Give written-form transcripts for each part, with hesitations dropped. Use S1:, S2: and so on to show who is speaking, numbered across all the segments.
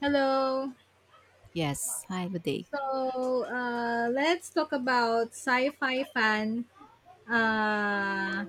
S1: Hello.
S2: Yes. Hi, good day.
S1: So let's talk about sci-fi fan. Uh,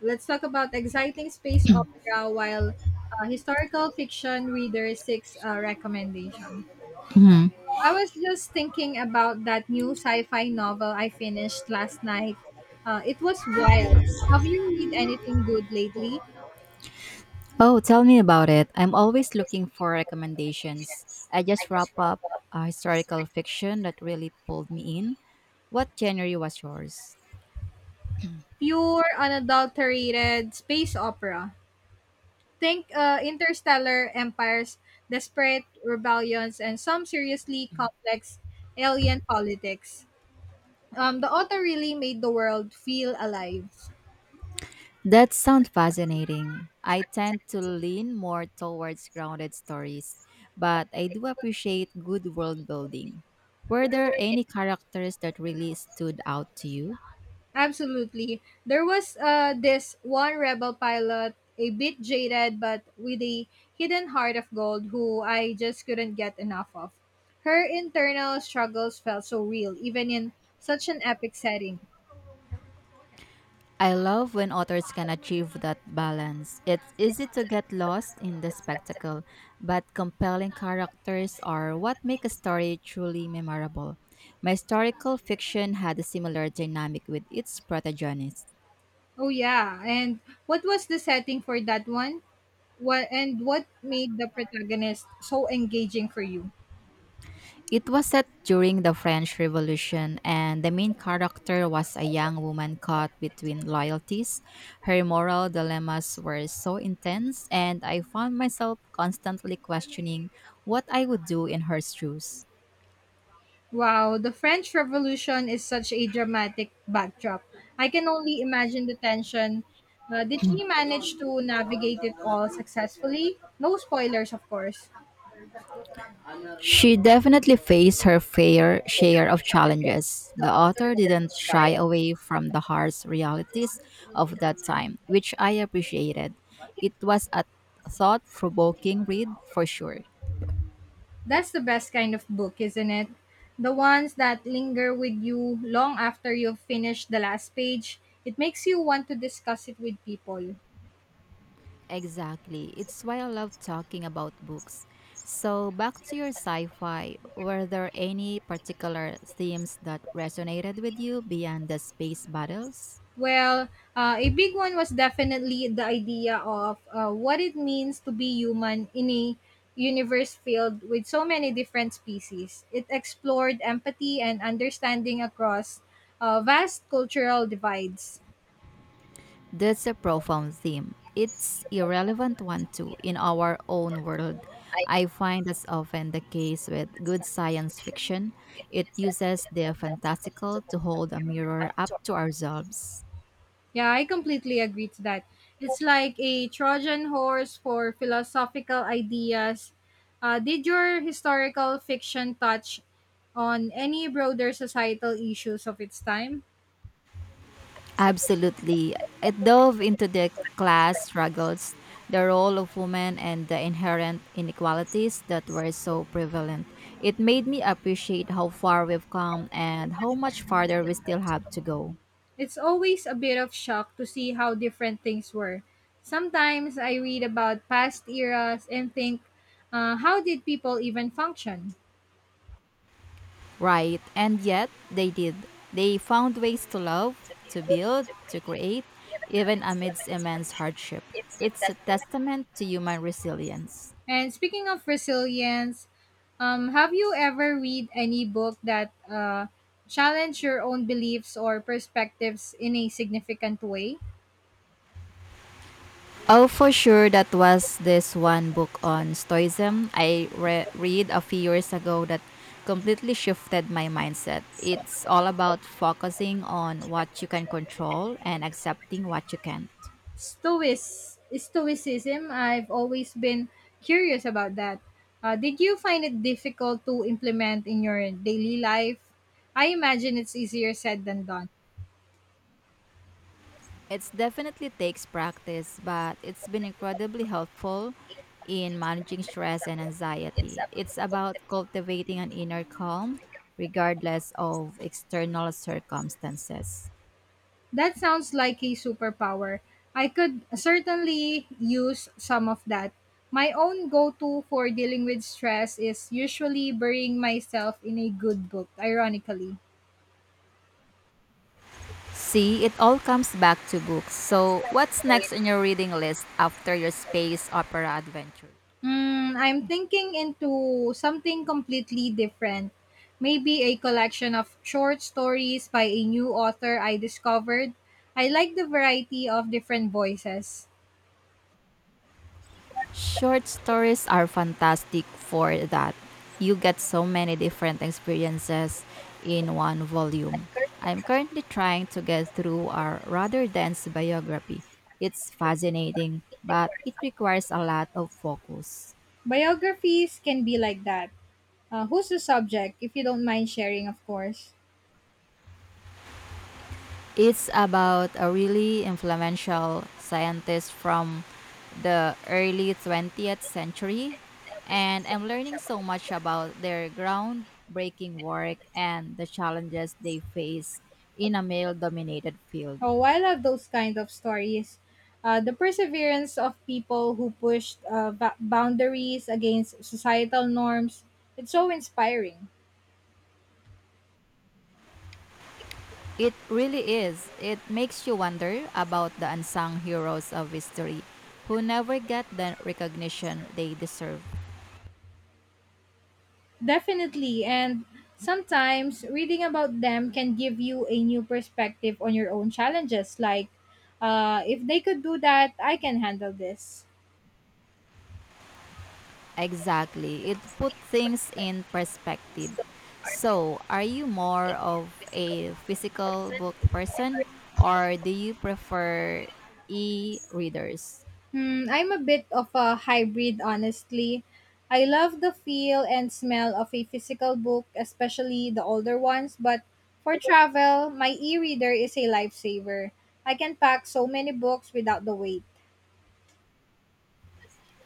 S1: let's talk about exciting space opera while historical fiction reader six recommendation.
S2: hmm
S1: I was just thinking about that new sci-fi novel I finished last night. It was wild. Have you read anything good lately?
S2: Oh, tell me about it. I'm always looking for recommendations. I just wrapped up a historical fiction that really pulled me in. What genre was yours?
S1: Pure, unadulterated space opera. Think interstellar empires, desperate rebellions, and some seriously complex alien politics. The author really made the world feel alive.
S2: That sounds fascinating. I tend to lean more towards grounded stories, but I do appreciate good world building. Were there any characters that really stood out to you?
S1: Absolutely. There was this one rebel pilot, a bit jaded but with a hidden heart of gold, who I just couldn't get enough of. Her internal struggles felt so real, even in such an epic setting.
S2: I love when authors can achieve that balance. It's easy to get lost in the spectacle, but compelling characters are what make a story truly memorable. My historical fiction had a similar dynamic with its protagonist.
S1: Oh, yeah. And what was the setting for that one? What and what made the protagonist so engaging for you?
S2: It was set during the French Revolution, and the main character was a young woman caught between loyalties. Her moral dilemmas were so intense, and I found myself constantly questioning what I would do in her shoes.
S1: Wow, the French Revolution is such a dramatic backdrop. I can only imagine the tension. Did she manage to navigate it all successfully? No spoilers, of course.
S2: She definitely faced her fair share of challenges. The author didn't shy away from the harsh realities of that time, which I appreciated. It was a thought provoking read for sure.
S1: That's the best kind of book, isn't it? The ones that linger with you long after you've finished the last page. It makes you want to discuss it with people.
S2: Exactly. It's why I love talking about books. So, back to your sci fi, were there any particular themes that resonated with you beyond the space battles?
S1: Well, a big one was definitely the idea of what it means to be human in a universe filled with so many different species. It explored empathy and understanding across vast cultural divides.
S2: That's a profound theme. It's irrelevant one too in our own world. I find that's often the case with good science fiction. It uses the fantastical to hold a mirror up to ourselves.
S1: Yeah, I completely agree to that. It's like a Trojan horse for philosophical ideas. Did your historical fiction touch on any broader societal issues of its time?
S2: Absolutely. It dove into the class struggles, the role of women and the inherent inequalities that were so prevalent. It made me appreciate how far we've come and how much farther we still have to go.
S1: It's always a bit of shock to see how different things were. Sometimes I read about past eras and think, how did people even function?
S2: Right. And yet, they did. They found ways to love, to build, to create, even amidst immense hardship. It's a testament to human resilience.
S1: And speaking of resilience, have you ever read any book that challenge your own beliefs or perspectives in a significant way?
S2: Oh, for sure, that was this one book on Stoicism I read a few years ago that completely shifted my mindset. It's all about focusing on what you can control and accepting what you can't.
S1: Stoicism, I've always been curious about that. Did you find it difficult to implement in your daily life? I imagine it's easier said than done.
S2: It definitely takes practice, but it's been incredibly helpful in managing stress and anxiety. It's about cultivating an inner calm regardless of external circumstances.
S1: That sounds like a superpower. I could certainly use some of that. My own go to for dealing with stress is usually burying myself in a good book, ironically.
S2: See, it all comes back to books. So, what's next on your reading list after your space opera adventures?
S1: Hmm, I'm thinking into something completely different. Maybe a collection of short stories by a new author I discovered. I like the variety of different voices.
S2: Short stories are fantastic for that. You get so many different experiences in one volume. I'm currently trying to get through a rather dense biography. It's fascinating, but it requires a lot of focus.
S1: Biographies can be like that. Who's the subject, if you don't mind sharing, of course?
S2: It's about a really influential scientist from the early 20th century, and I'm learning so much about their groundbreaking work and the challenges they face in a male dominated field.
S1: Oh, I love those kind of stories. The perseverance of people who pushed boundaries against societal norms. It's so inspiring.
S2: It really is. It makes you wonder about the unsung heroes of history who never get the recognition they deserve.
S1: Definitely. And sometimes reading about them can give you a new perspective on your own challenges. Like, if they could do that, I can handle this.
S2: Exactly. It put things in perspective. So, are you more of a physical book person or do you prefer e-readers?
S1: Hmm, I'm a bit of a hybrid, honestly. I love the feel and smell of a physical book, especially the older ones, but for travel, my e reader is a lifesaver. I can pack so many books without the weight.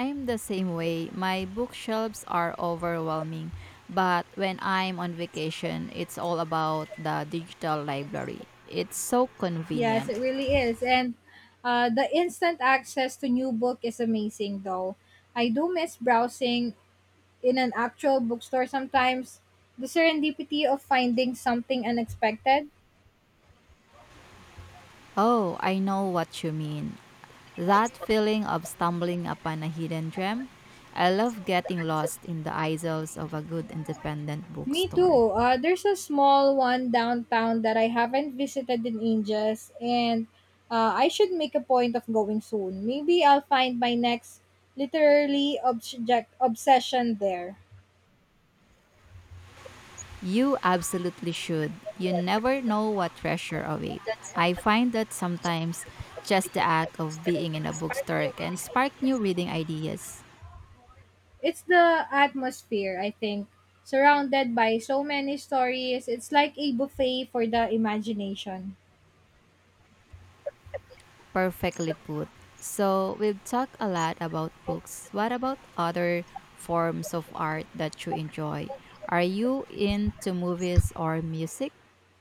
S2: I'm the same way. My bookshelves are overwhelming, but when I'm on vacation, it's all about the digital library. It's so
S1: Yes,
S2: convenient.
S1: it really is. And the instant access to new book is amazing though. I do miss browsing in an actual bookstore sometimes. The serendipity of finding something unexpected.
S2: Oh, I know what you mean. That feeling of stumbling upon a hidden gem. I love getting lost in the aisles of a good independent
S1: Me
S2: bookstore.
S1: too. There's a small one downtown that I haven't visited in ages, and I should make a point of going soon. Maybe I'll find my next literary obsession there.
S2: You absolutely should. You never know what treasure awaits. I find that sometimes just the act of being in a bookstore can spark new reading ideas.
S1: It's the atmosphere, I think. Surrounded by so many stories, it's like a buffet for the imagination.
S2: Perfectly put. So, we've talked a lot about books. What about other forms of art that you enjoy? Are you into movies or music?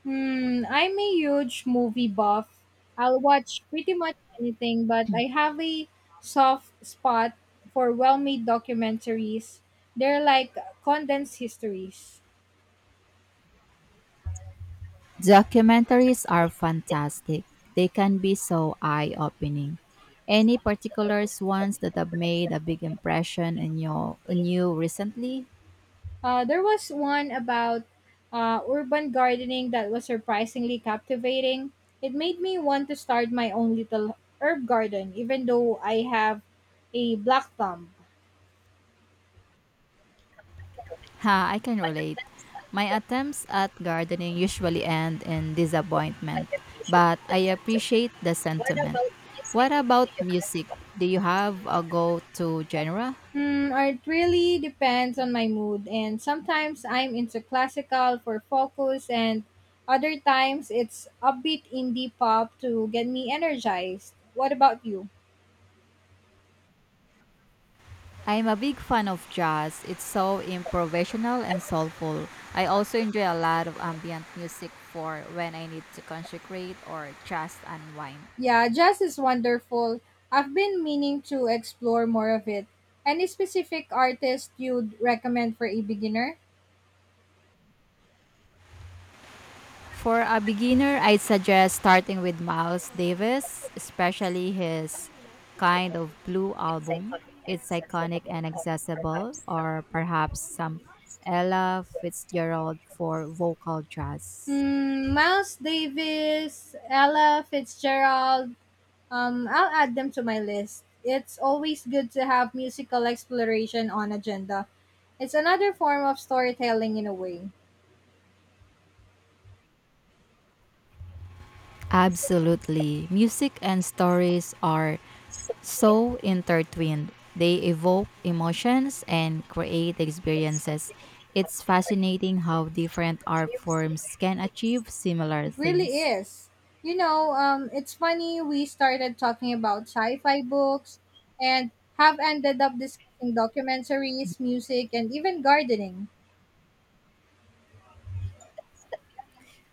S1: Hmm, I'm a huge movie buff. I'll watch pretty much anything, but I have a soft spot for well made documentaries. They're like condensed histories.
S2: Documentaries are fantastic. They can be so eye opening. Any particulars ones that have made a big impression on you recently?
S1: There was one about urban gardening that was surprisingly captivating. It made me want to start my own little herb garden, even though I have a black thumb.
S2: Ha, I can relate. My attempts at gardening usually end in disappointment, but I appreciate the sentiment. What about music? Do you have a go to genre?
S1: Hmm, or it really depends on my mood, and sometimes I'm into classical for focus, and other times it's upbeat indie pop to get me energized. What about you?
S2: I'm a big fan of jazz. It's so improvisational and soulful. I also enjoy a lot of ambient music for when I need to concentrate or just unwind.
S1: Yeah, jazz is wonderful. I've been meaning to explore more of it. Any specific artist you'd recommend for a beginner?
S2: For a beginner, I'd suggest starting with Miles Davis, especially his kind of blue album. It's iconic and accessible, or perhaps some Ella Fitzgerald for vocal jazz.
S1: Hmm, Miles Davis, Ella Fitzgerald. I'll add them to my list. It's always good to have musical exploration on agenda. It's another form of storytelling in a way.
S2: Absolutely. Music and stories are so intertwined. They evoke emotions and create experiences. It's fascinating how different art forms can achieve similar
S1: It really
S2: things.
S1: is. You know, it's funny we started talking about sci-fi books and have ended up discussing documentaries, music, and even gardening.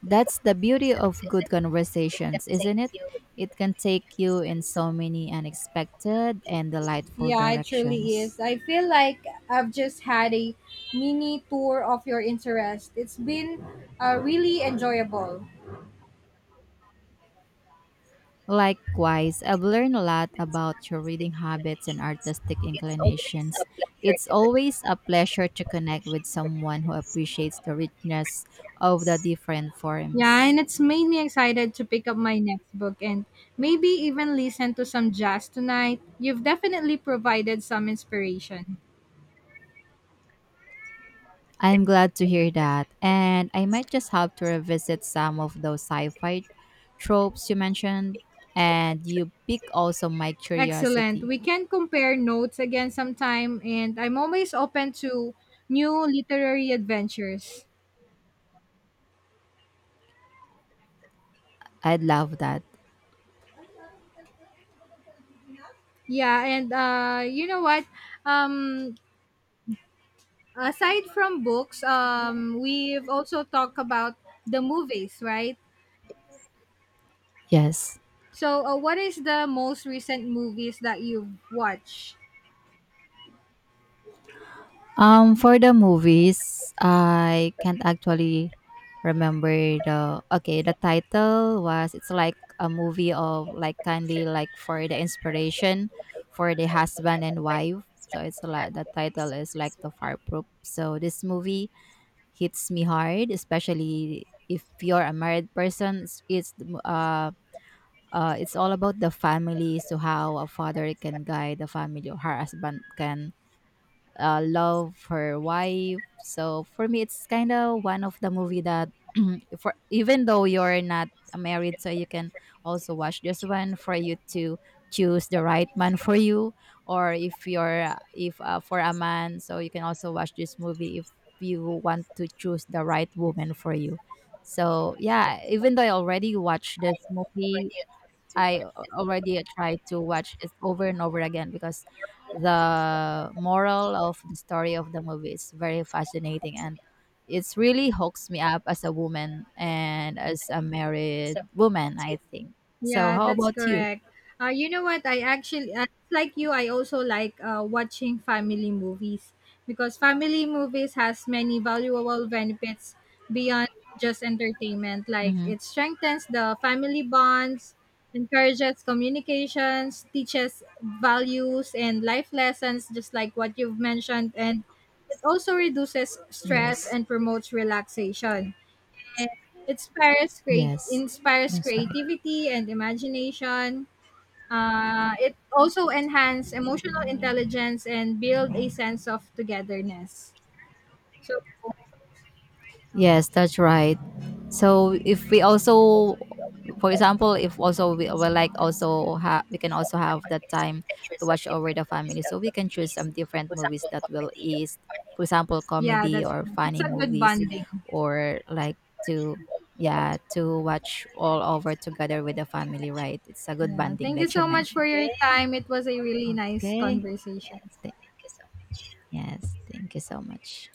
S2: That's the beauty of good conversations, isn't it? It can take you in so many unexpected and delightful
S1: Yeah, it truly is.
S2: directions.
S1: I feel like I've just had a mini tour of your interest. It's been really enjoyable.
S2: Likewise, I've learned a lot about your reading habits and artistic inclinations. It's always a pleasure to connect with someone who appreciates the richness of the different
S1: Yeah,
S2: forms.
S1: and it's made me excited to pick up my next book and maybe even listen to some jazz tonight. You've definitely provided some inspiration.
S2: I'm glad to hear that. And I might just have to revisit some of those sci fi tropes you mentioned. And you pick also my
S1: Excellent.
S2: curiosity.
S1: We can compare notes again sometime, and I'm always open to new literary adventures.
S2: I'd love that.
S1: Yeah, and you know what? Um, Aside from books, we've also talked about the movies, right?
S2: Yes.
S1: So, what is the most recent movies that you've watched?
S2: For the movies, I can't actually remember the okay the title was it's like a movie of like kindly like for the inspiration for the husband and wife, so it's like the title is like the fireproof, so this movie hits me hard, especially if you're a married person. Uh, it's all about the family, so how a father can guide the family or her husband can love her wife. So for me, it's kind of one of the movie that for even though you're not married, so you can also watch this one for you to choose the right man for you, or if you're if for a man, so you can also watch this movie if you want to choose the right woman for you. So yeah, even though I already watched this movie already tried to watch it over and over again because the moral of the story of the movie is very fascinating and it's really hooks me up as a woman and as a married woman, I think. So,
S1: Yeah,
S2: how
S1: that's
S2: about you?
S1: correct. You know what? I actually, like you, I also like watching family movies because family movies has many valuable benefits beyond just entertainment. Like
S2: Mm-hmm.
S1: it strengthens the family bonds, encourages communications, teaches values and life lessons, just like what you've mentioned, and it also reduces stress
S2: Yes,
S1: and promotes relaxation. It
S2: yes,
S1: inspires
S2: that's right.
S1: creativity and imagination. It also enhance emotional intelligence and build a sense of togetherness. So
S2: Yes, that's right. So if we also, for example, if also we like also have we can also have that time to watch over the family, so we can choose some different movies that will ease, for example,
S1: yeah,
S2: comedy
S1: that's
S2: or
S1: it's
S2: funny
S1: a good
S2: movies,
S1: bonding.
S2: or like to yeah to watch all over together with the family. Right, it's a good
S1: Yeah.
S2: bonding,
S1: Thank you
S2: like you
S1: so much for
S2: mentioned.
S1: your time. It was a really nice
S2: Okay.
S1: conversation.
S2: Th- yes, thank you so much.